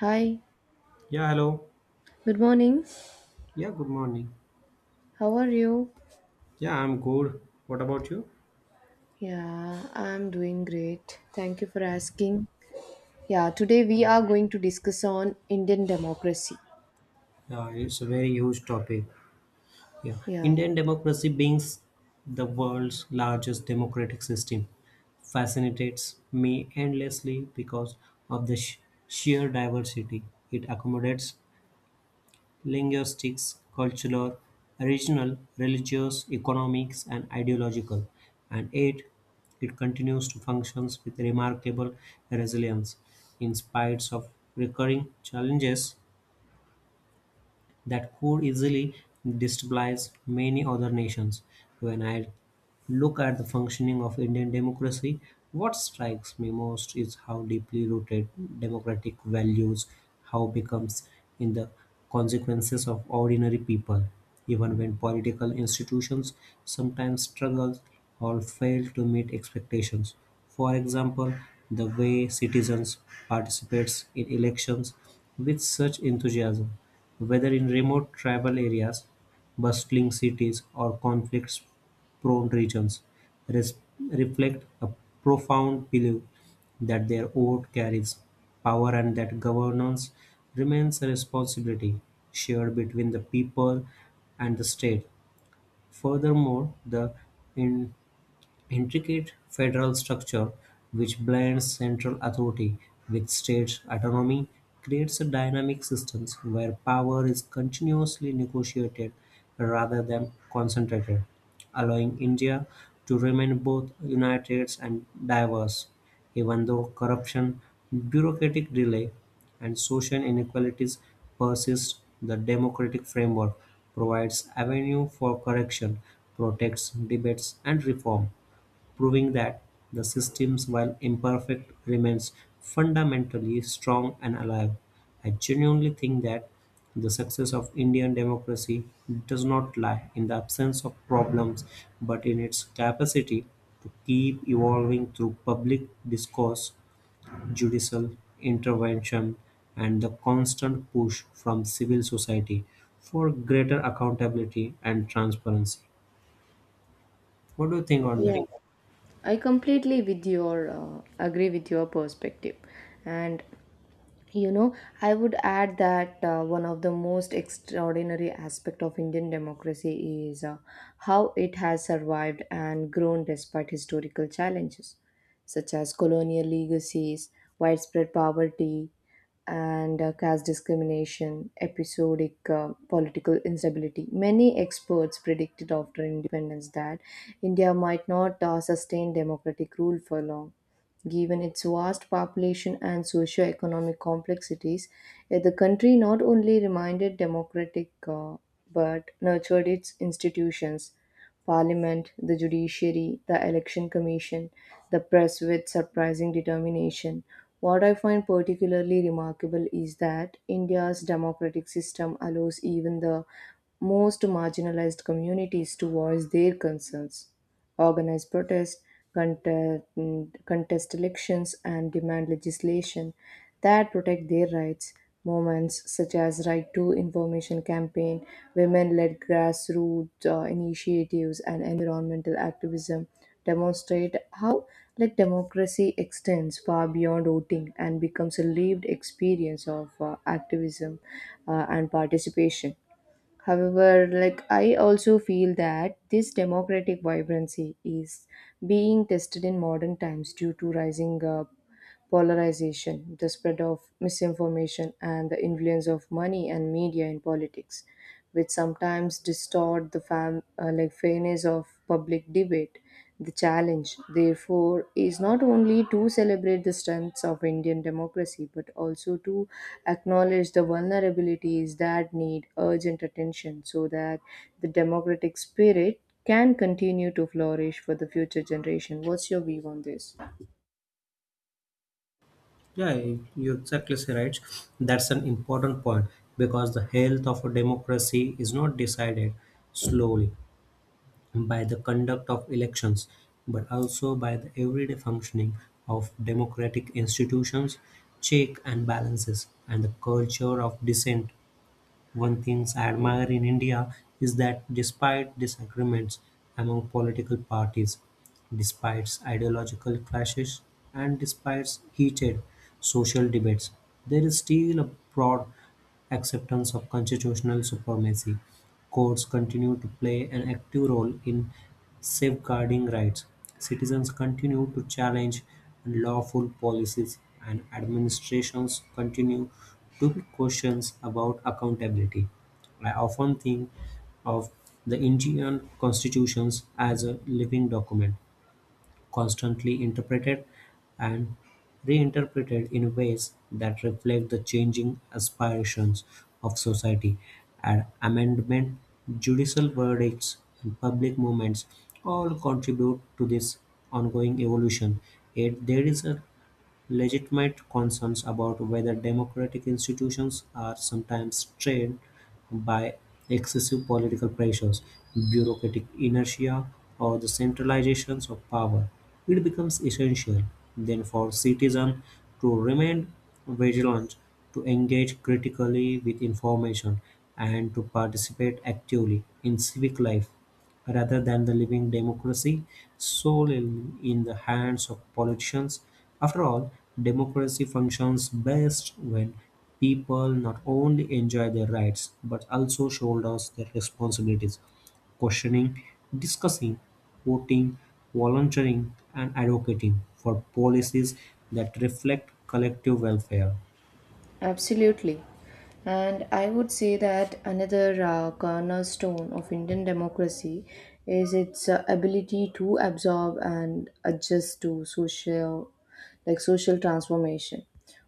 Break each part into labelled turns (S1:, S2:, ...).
S1: Hi,
S2: Yeah, hello.
S1: good morning.
S2: Yeah, good morning.
S1: How are you?
S2: Yeah, I'm good. What about you?
S1: Yeah, I'm doing great. Thank you for asking. Yeah, today we are going to discuss on Indian democracy.
S2: Yeah, it's a very huge topic. Yeah,
S1: Yeah,
S2: Indian democracy being the world's largest democratic system fascinates me endlessly because of the sheer diversity it accommodates linguistics, cultural, regional, religious, economics, and ideological, and eight, it continues to function with remarkable resilience in spite of recurring challenges that could easily destabilize many other nations. When I look at the functioning of Indian democracy, what strikes me most is how deeply rooted democratic values how becomes in the consequences of ordinary people, even when political institutions sometimes struggle or fail to meet expectations. For example, the way citizens participates in elections with such enthusiasm, whether in remote tribal areas, bustling cities, or conflict-prone regions, res- reflect a profound belief that their vote carries power and that governance remains a responsibility shared between the people and the state. Furthermore, the intricate federal structure, which blends central authority with state autonomy, creates a dynamic system where power is continuously negotiated rather than concentrated, allowing India to remain both united and diverse. Even though corruption, bureaucratic delay, and social inequalities persist, the democratic framework provides avenue for correction, protects debates and reform, proving that the systems, while imperfect, remains fundamentally strong and alive. I genuinely think that the success of Indian democracy does not lie in the absence of problems, but in its capacity to keep evolving through public discourse, judicial intervention, and the constant push from civil society for greater accountability and transparency. What do you think on that?
S1: yeah. I completely with your agree with your perspective, and you know I would add that one of the most extraordinary aspect of Indian democracy is how it has survived and grown despite historical challenges such as colonial legacies widespread poverty and caste discrimination, episodic political instability. Many experts predicted after independence that India might not sustain democratic rule for long. Given its vast population and socio-economic complexities, the country not only remained democratic but nurtured its institutions, parliament, the judiciary, the election commission, the press with surprising determination. What I find particularly remarkable is that India's democratic system allows even the most marginalized communities to voice their concerns organize protests, contest, contest elections, and demand legislation that protect their rights. Movements such as Right to Information campaign, women-led grassroots initiatives, and environmental activism demonstrate how like democracy extends far beyond voting and becomes a lived experience of activism and participation. However, like I also feel that this democratic vibrancy is being tested in modern times due to rising polarization, the spread of misinformation, and the influence of money and media in politics, which sometimes distort the like fairness of public debate. The challenge, therefore, is not only to celebrate the strengths of Indian democracy but also to acknowledge the vulnerabilities that need urgent attention so that the democratic spirit can continue to flourish for the future generation. What's your view on this?
S2: Yeah, you exactly say right. That's an important point, because the health of a democracy is not decided slowly by the conduct of elections, but also by the everyday functioning of democratic institutions, check and balances, and the culture of dissent. One thing I admire in India is that despite disagreements among political parties, despite ideological clashes, and despite heated social debates, there is still a broad acceptance of constitutional supremacy. Courts continue to play an active role in safeguarding rights. Citizens continue to challenge unlawful policies, and administrations continue to be questions about accountability. I often think of the Indian constitutions as a living document constantly interpreted and reinterpreted in ways that reflect the changing aspirations of society. And amendment, judicial verdicts, and public movements all contribute to this ongoing evolution. Yet there is a legitimate concerns about whether democratic institutions are sometimes strained by excessive political pressures, bureaucratic inertia, or the centralizations of power. It becomes essential then for citizens to remain vigilant, to engage critically with information, and to participate actively in civic life rather than the living democracy solely in the hands of politicians. After all, democracy functions best when people not only enjoy their rights but also shoulders their responsibilities. Questioning, discussing, voting, volunteering, and advocating for policies that reflect collective welfare.
S1: Absolutely. And I would say that another cornerstone of Indian democracy is its ability to absorb and adjust to social social transformation.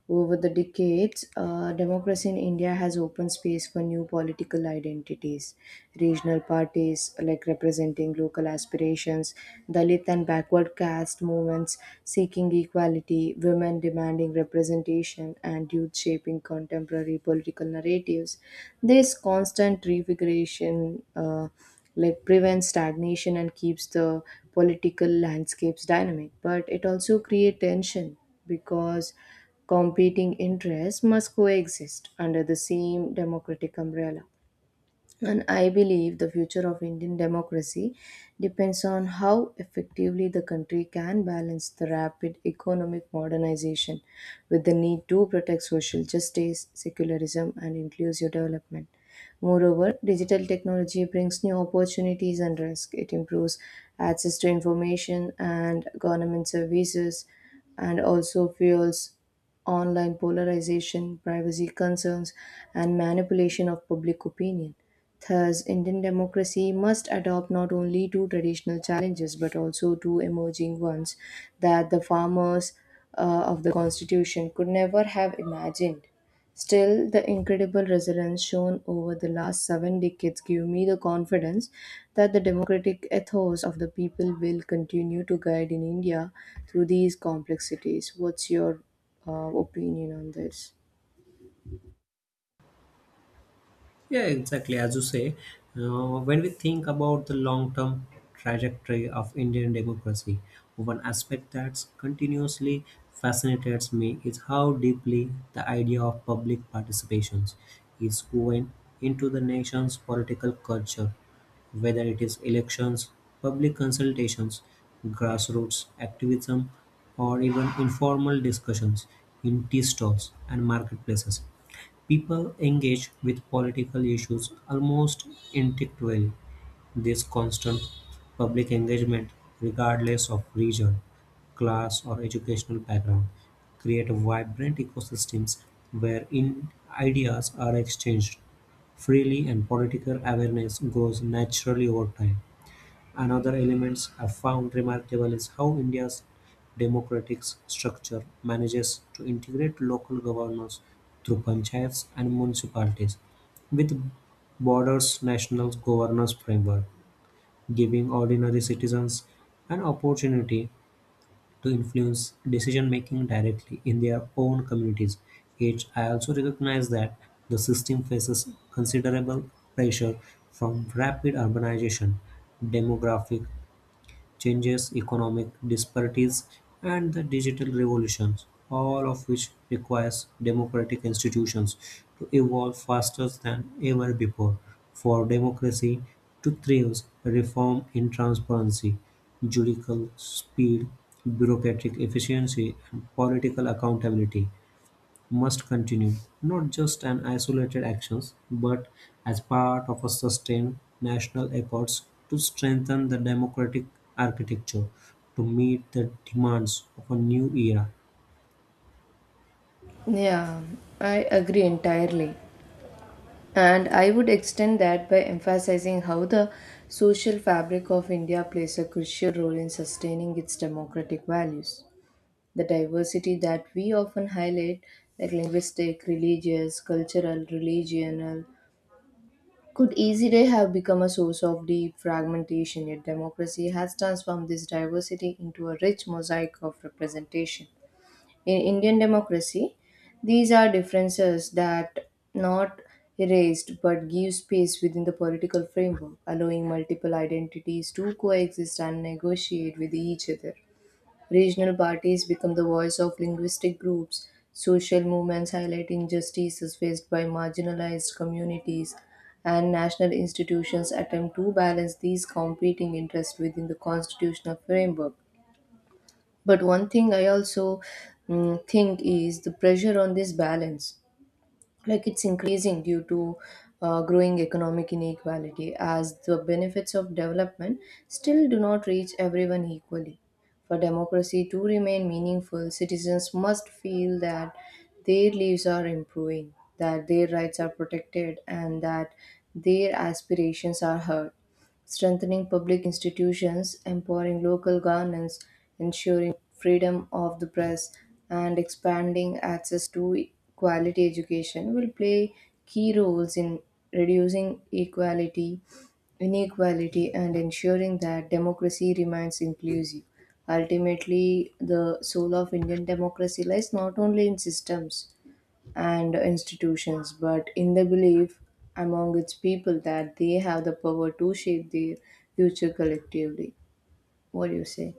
S1: Over the decades, democracy in India has opened space for new political identities. Regional parties, like representing local aspirations, Dalit and backward caste movements seeking equality, women demanding representation, and youth shaping contemporary political narratives. This constant refiguration like prevents stagnation and keeps the political landscapes dynamic, but it also creates tension because competing interests must coexist under the same democratic umbrella. And I believe the future of Indian democracy depends on how effectively the country can balance the rapid economic modernization with the need to protect social justice, secularism, and inclusive development. Moreover, digital technology brings new opportunities and risks. It improves access to information and government services and also fuels online polarization, privacy concerns, and manipulation of public opinion. Thus, Indian democracy must adopt not only to traditional challenges but also to emerging ones that the farmers of the constitution could never have imagined. Still, the incredible resilience shown over the last 7 decades give me the confidence that the democratic ethos of the people will continue to guide in India through these complexities. What's your opinion on this?
S2: Yeah, exactly. As you say, when we think about the long term trajectory of Indian democracy, one aspect that continuously fascinates me is how deeply the idea of public participation is woven into the nation's political culture, whether it is elections, public consultations, grassroots activism, or even informal discussions in tea stalls and marketplaces. People engage with political issues almost instinctively; this constant public engagement, regardless of region, class, or educational background, create vibrant ecosystems where in ideas are exchanged freely and political awareness grows naturally over time. Another element I found remarkable is how India's democratic structure manages to integrate local governance through panchayats and municipalities with borders national governance framework, giving ordinary citizens an opportunity to influence decision making directly in their own communities. Yet I also recognize that the system faces considerable pressure from rapid urbanization, demographic changes, economic disparities, and the digital revolutions, all of which requires democratic institutions to evolve faster than ever before. For democracy to thrive, reform in transparency, judicial speed, bureaucratic efficiency, and political accountability must continue, not just an isolated actions, but as part of a sustained national efforts to strengthen the democratic architecture to meet the demands of a new era.
S1: Yeah, I agree entirely. And I would extend that by emphasizing how the social fabric of India plays a crucial role in sustaining its democratic values. The diversity that we often highlight, like linguistic, religious, cultural, religional, could easily have become a source of deep fragmentation, yet democracy has transformed this diversity into a rich mosaic of representation in Indian democracy, these are differences that not erased but give space within the political framework, allowing multiple identities to coexist and negotiate with each other. Regional parties become the voice of linguistic groups, social movements highlight injustices faced by marginalized communities, and national institutions attempt to balance these competing interests within the constitutional framework but one thing I also think is the pressure on this balance like it's increasing due to growing economic inequality as the benefits of development still do not reach everyone equally for democracy to remain meaningful citizens must feel that their lives are improving that their rights are protected and that their aspirations are heard strengthening public institutions, empowering local governance, ensuring freedom of the press, and expanding access to quality education will play key roles in reducing equality, inequality, and ensuring that democracy remains inclusive. Ultimately, the soul of Indian democracy lies not only in systems and institutions, but in the belief among its people that they have the power to shape their future collectively. What do you say?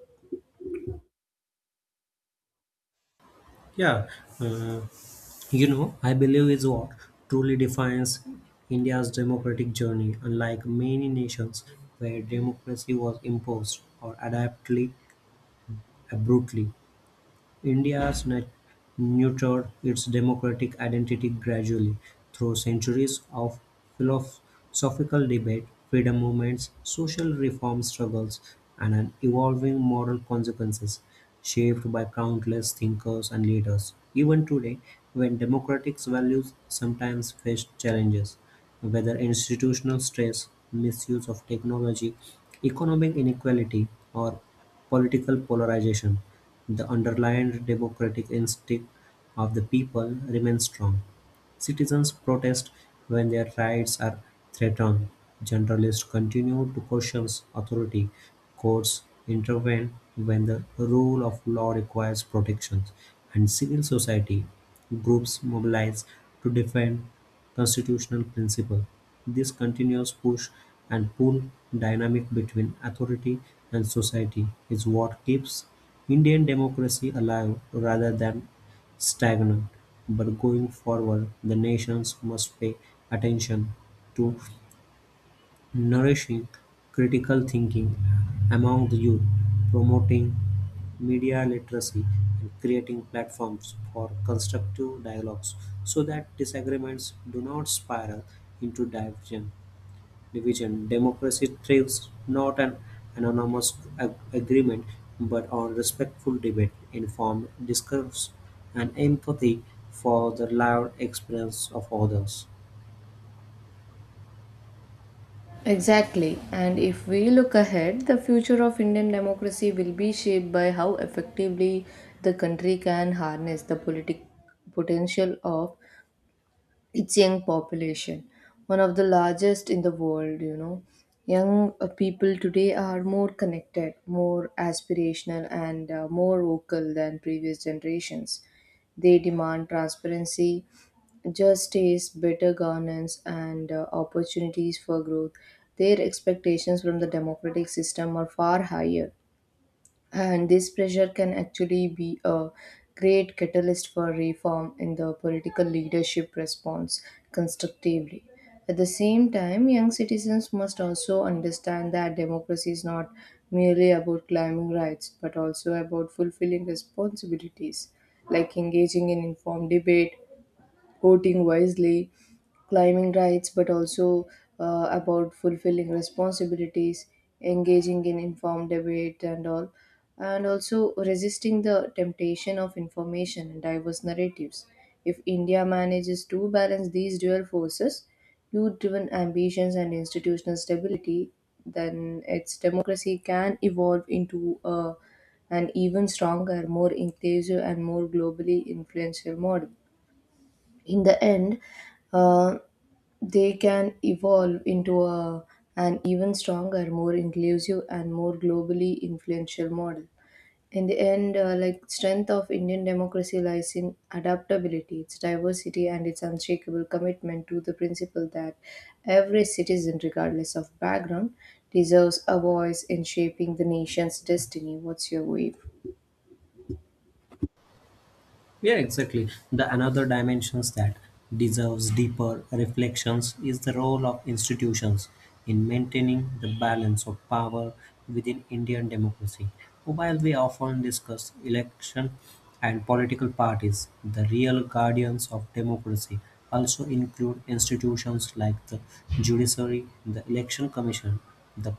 S2: Yeah, uh, you know, I believe is what truly defines India's democratic journey. Unlike many nations where democracy was imposed or adaptly abruptly, India's nat- nurtured its democratic identity gradually through centuries of philosophical debate, freedom movements, social reform struggles, and an evolving moral consequences shaped by countless thinkers and leaders. Even today, when democratic values sometimes face challenges, whether institutional stress, misuse of technology, economic inequality, or political polarization, the underlying democratic instinct of the people remains strong. Citizens protest when their rights are threatened. Journalists continue to question authority. Courts intervene when the rule of law requires protections. And civil society groups mobilize to defend constitutional principle. This continuous push and pull dynamic between authority and society is what keeps Indian democracy alive rather than stagnant, but going forward the nations must pay attention to nourishing critical thinking among the youth, promoting media literacy and creating platforms for constructive dialogues so that disagreements do not spiral into divergence division. Democracy thrives not on anonymous agreement, but on respectful debate, informed discourse, and empathy for the lived experience of others.
S1: Exactly. And if we look ahead, the future of Indian democracy will be shaped by how effectively the country can harness the politic potential of its young population, one of the largest in the world, you know. Young people today are more connected, more aspirational, and more vocal than previous generations. They demand transparency, justice, better governance, and opportunities for growth. Their expectations from the democratic system are far higher and this pressure can actually be a great catalyst for reform in the political leadership response constructively. At the same time, young citizens must also understand that democracy is not merely about claiming rights but also about fulfilling responsibilities like engaging in informed debate, voting wisely, climbing rights, but also about fulfilling responsibilities, engaging in informed debate, and all, and also resisting the temptation of information and diverse narratives. If India manages to balance these dual forces, youth driven ambitions and institutional stability, then its democracy can evolve into an even stronger, more inclusive, and more globally influential model in the end, uh, they can evolve into an even stronger, more inclusive, and more globally influential model. In the end, like strength of Indian democracy lies in adaptability, its diversity, and its unshakable commitment to the principle that every citizen, regardless of background, deserves a voice in shaping the nation's destiny. What's your view?
S2: Yeah, exactly. The another dimensions that deserves deeper reflections is the role of institutions in maintaining the balance of power within Indian democracy. While we often discuss election and political parties, the real guardians of democracy also include institutions like the judiciary, the election commission, the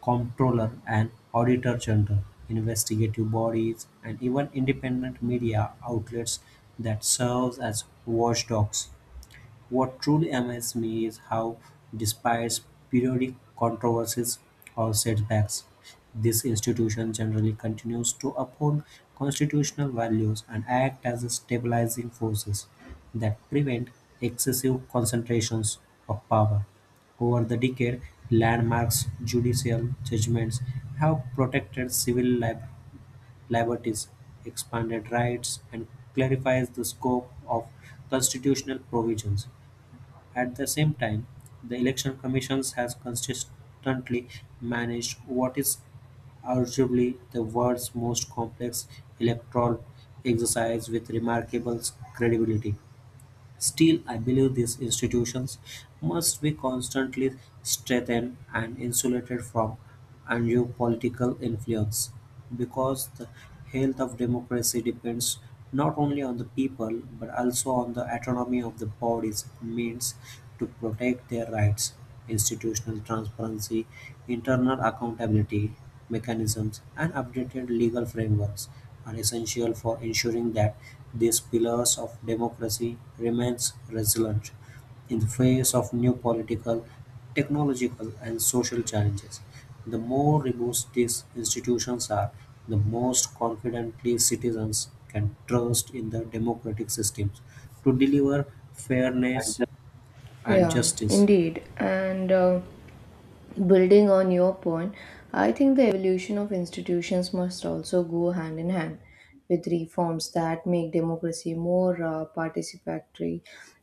S2: Comptroller and Auditor General, investigative bodies, and even independent media outlets that serves as watchdogs. What truly amazes me is how, despite periodic controversies or setbacks, this institution generally continues to uphold constitutional values and act as stabilizing forces that prevent excessive concentrations of power. Over the decade, landmarks judicial judgments have protected civil liberties, expanded rights, and clarifies the scope of constitutional provisions. At the same time, the Election Commission has consistently managed what is arguably the world's most complex electoral exercise with remarkable credibility. Still, I believe these institutions must be constantly strengthened and insulated from undue political influence, because the health of democracy depends not only on the people but also on the autonomy of the bodies means to protect their rights. Institutional transparency, internal accountability mechanisms, and updated legal frameworks are essential for ensuring that these pillars of democracy remains resilient in the face of new political, technological, and social challenges. The more robust these institutions are, the most confidently citizens can trust in the democratic systems to deliver fairness and
S1: Yeah,
S2: justice.
S1: indeed. And building on your point, I think the evolution of institutions must also go hand in hand with reforms that make democracy more participatory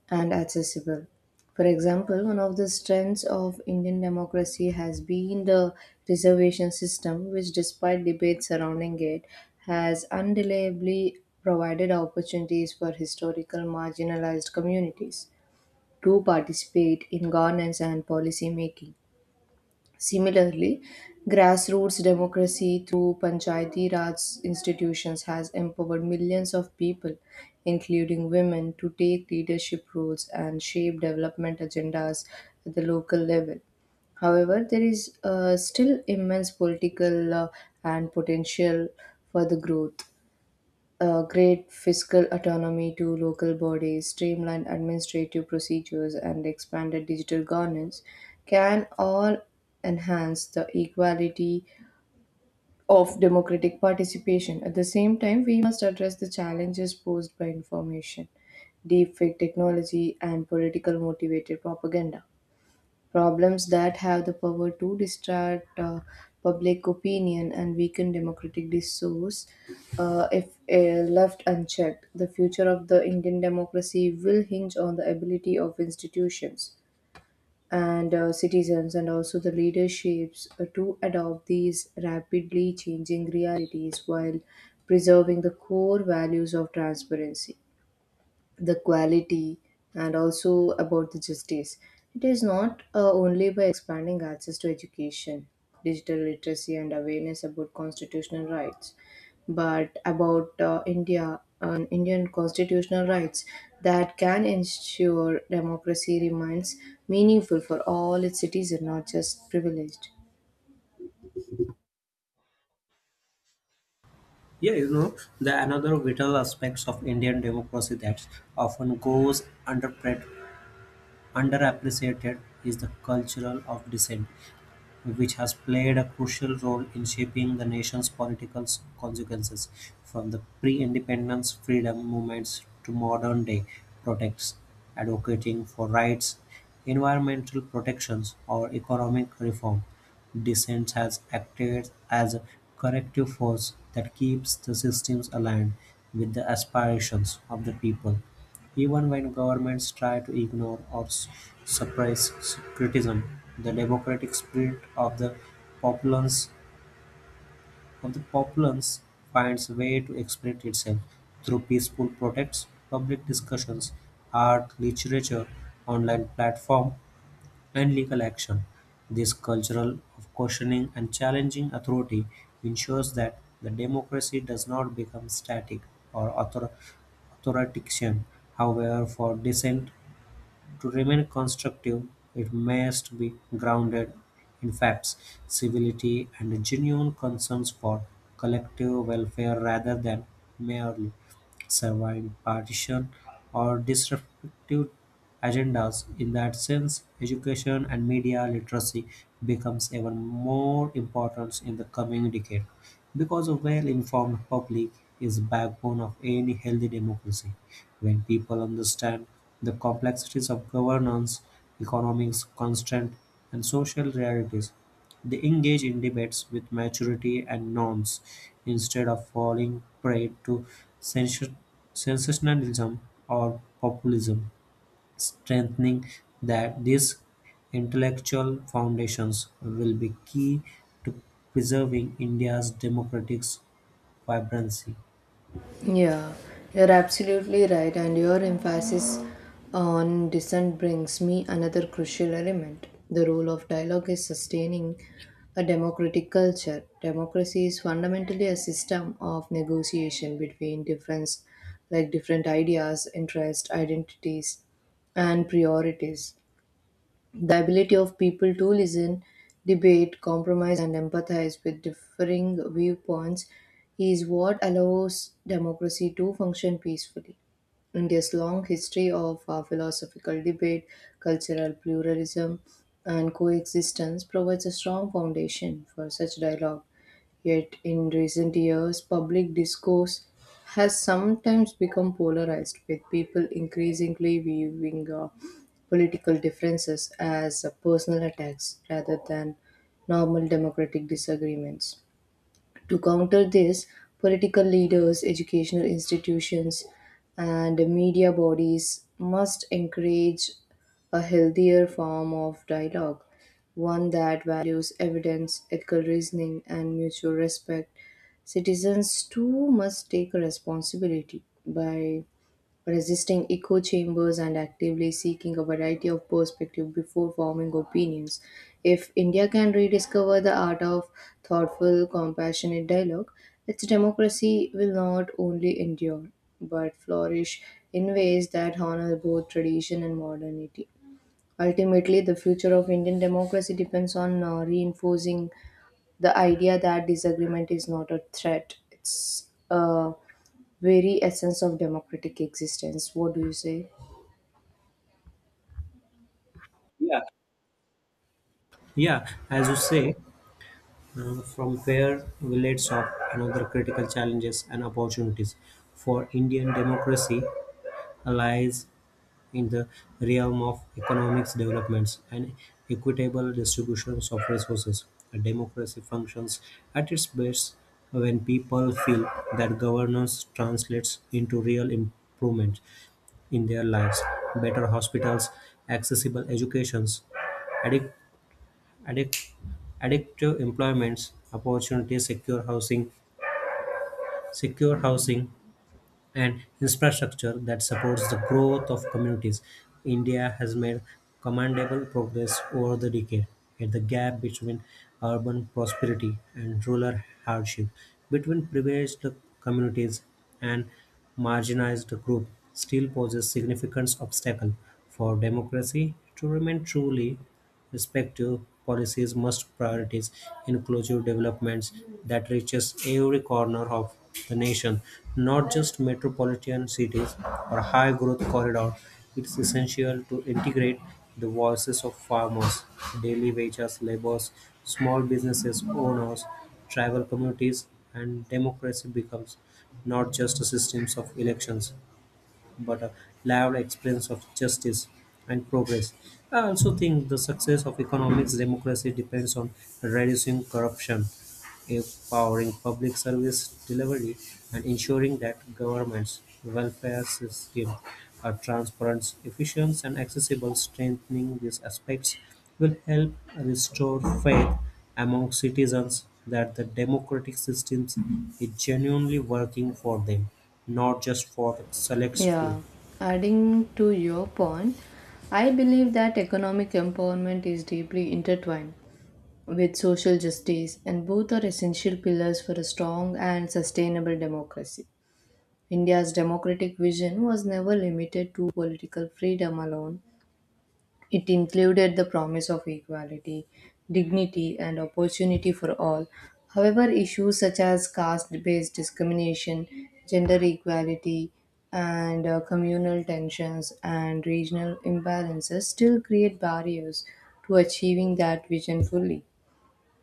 S1: and accessible. For example, one of the strengths of Indian democracy has been the reservation system, which, despite debates surrounding it, has undeniably provided opportunities for historical marginalized communities to participate in governance and policy making. Similarly, grassroots democracy through Panchayati Raj institutions has empowered millions of people, including women, to take leadership roles and shape development agendas at the local level. However, there is still immense political and potential for the growth great fiscal autonomy to local bodies, streamlined administrative procedures, and expanded digital governance can all enhance the equality of democratic participation. At the same time, we must address the challenges posed by information, deepfake technology, and political motivated propaganda problems that have the power to distort public opinion and weaken democratic discourse if left unchecked. The future of the Indian democracy will hinge on the ability of institutions and citizens and also the leaderships to adopt these rapidly changing realities while preserving the core values of transparency the quality and also about the justice. It is not only by expanding access to education, digital literacy, and awareness about constitutional rights, but about India and Indian constitutional rights that can ensure democracy remains meaningful for all its citizens, not just privileged.
S2: Yeah, you know, the another vital aspects of Indian democracy that often underappreciated is the cultural of dissent, which has played a crucial role in shaping the consequences, from the pre-independence freedom movements to modern-day protests, advocating for rights, environmental protections, or economic reform. Dissent has acted as a corrective force that keeps the systems aligned with the aspirations of the people. Even when governments try to ignore or suppress criticism, the democratic spirit of the populace populace finds a way to express itself through peaceful protests, public discussions, art, literature, online platform, and legal action. This cultural of questioning and challenging authority ensures that the democracy does not become static or authoritarian. However, for dissent to remain constructive, it must be grounded in facts, civility, and genuine concerns for collective welfare rather than merely serving partisan or disruptive agendas. In that sense, education and media literacy becomes even more important in the coming decade, because a well informed public is the backbone of any healthy democracy. When people understand the complexities of governance, economics, constant, and social realities, they engage in debates with maturity and norms instead of falling prey to sensation- sensationalism or populism. Strengthening that these intellectual foundations will be key to preserving India's democratic vibrancy.
S1: Yeah, you're absolutely right, and your emphasis on dissent brings me another crucial element. The role of dialogue is sustaining a democratic culture. Democracy is fundamentally a system of negotiation between difference, like different ideas, interests, identities, and priorities. The ability of people to listen, debate, compromise, and empathize with differing viewpoints is what allows democracy to function peacefully. India's long history of philosophical debate, cultural pluralism, and coexistence provides a strong foundation for such dialogue. Yet, in recent years, public discourse has sometimes become polarized, with people increasingly viewing political differences as personal attacks rather than normal democratic disagreements. To counter this, political leaders, educational institutions, and media bodies must encourage a healthier form of dialogue, one that values evidence, ethical reasoning, and mutual respect. Citizens too must take responsibility by resisting echo chambers and actively seeking a variety of perspectives before forming opinions. If India can rediscover the art of thoughtful, compassionate dialogue, its democracy will not only endure but flourish in ways that honor both tradition and modernity. Ultimately, the future of Indian democracy depends on reinforcing the idea that disagreement is not a threat. It's a very essence of democratic existence. What do you say? Yeah.
S2: Yeah, as you say, from where we laid off another critical challenges and opportunities for Indian democracy lies in the realm of economics developments and equitable distributions of resources. A democracy functions at its best when people feel that governance translates into real improvement in their lives. Better hospitals, accessible educations, adequate Addic- Addictive employment opportunities, secure housing and infrastructure that supports the growth of communities. India has made commendable progress over the decade, yet the gap between urban prosperity and rural hardship, between privileged communities and marginalized groups, still poses significant obstacle for democracy to remain truly respective. Policies must prioritize inclusive developments that reaches every corner of the nation, not just metropolitan cities or high growth corridors. It's essential to integrate the voices of farmers, daily wages, laborers, small businesses owners, tribal communities, and democracy becomes not just a system of elections but a lived experience of justice and progress. I also think the success of economics democracy depends on reducing corruption, empowering public service delivery, and ensuring that government's welfare systems are transparent, efficient, and accessible. Strengthening these aspects will help restore faith among citizens that the democratic system is genuinely working for them, not just for select few.
S1: Yeah, adding to your point, I believe that economic empowerment is deeply intertwined with social justice, and both are essential pillars for a strong and sustainable democracy. India's democratic vision was never limited to political freedom alone, it included the promise of equality, dignity, and opportunity for all. However, issues such as caste based discrimination, gender equality, and communal tensions and regional imbalances still create barriers to achieving that vision fully.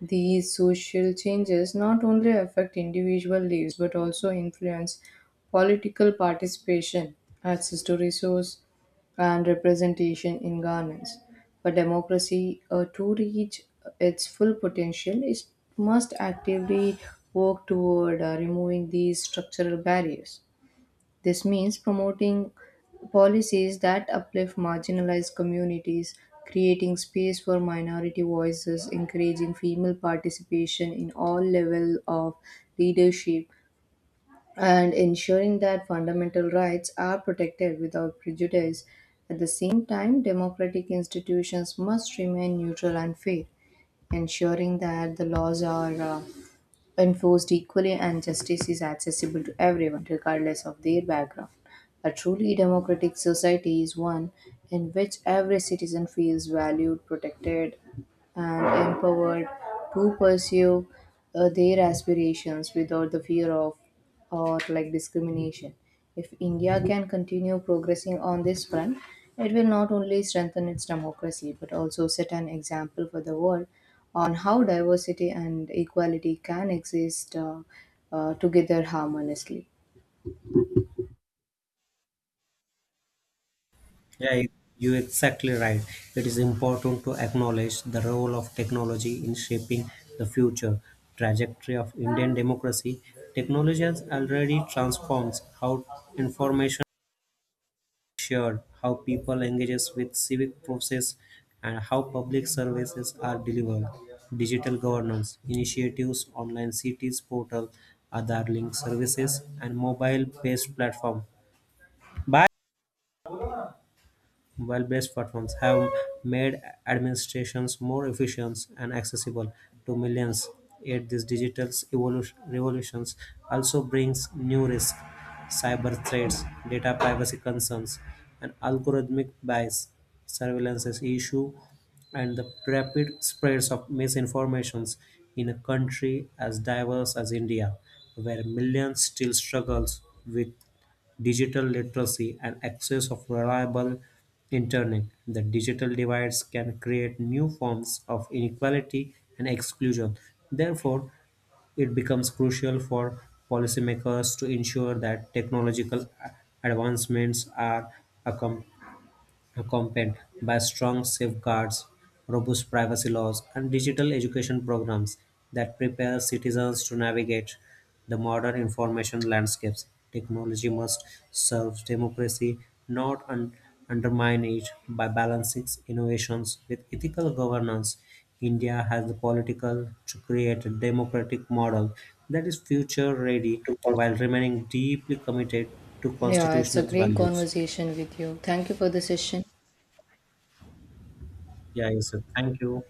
S1: These social changes not only affect individual lives but also influence political participation, access to resource, and representation in governance. For democracy to reach its full potential, it must actively work toward removing these structural barriers. This means promoting policies that uplift marginalized communities, creating space for minority voices, encouraging female participation in all levels of leadership, and ensuring that fundamental rights are protected without prejudice. At the same time, democratic institutions must remain neutral and fair, ensuring that the laws are enforced equally and justice is accessible to everyone, regardless of their background. A truly democratic society is one in which every citizen feels valued, protected, and empowered to pursue their aspirations without the fear of or like discrimination. If India can continue progressing on this front, it will not only strengthen its democracy but also set an example for the world on how diversity and equality can exist together harmoniously.
S2: Yeah, you're exactly right. It is important to acknowledge the role of technology in shaping the future trajectory of Indian democracy. Technology has already transforms how information is shared, how people engages with civic process, and how public services are delivered. Digital governance initiatives, online cities portal, other link services, and mobile-based platform. Bye. Mobile-based platforms have made administrations more efficient and accessible to millions. Yet this digital revolution also brings new risks, cyber threats, data privacy concerns, and algorithmic bias, Surveillance's issue, and the rapid spreads of misinformations in a country as diverse as India, where millions still struggles with digital literacy, and access of reliable internet. The digital divides can create new forms of inequality and exclusion. Therefore, it becomes crucial for policymakers to ensure that technological advancements are accompanied accompanied by strong safeguards, robust privacy laws, and digital education programs that prepare citizens to navigate the modern information landscapes. Technology must serve democracy, not undermine it, by balancing innovations with ethical governance. India has the political to create a democratic model that is future ready while remaining deeply committed to
S1: Yeah, it's a
S2: constitutional
S1: great
S2: values.
S1: conversation with you. Thank you for the session.
S2: Yeah, yes, sir. Thank you.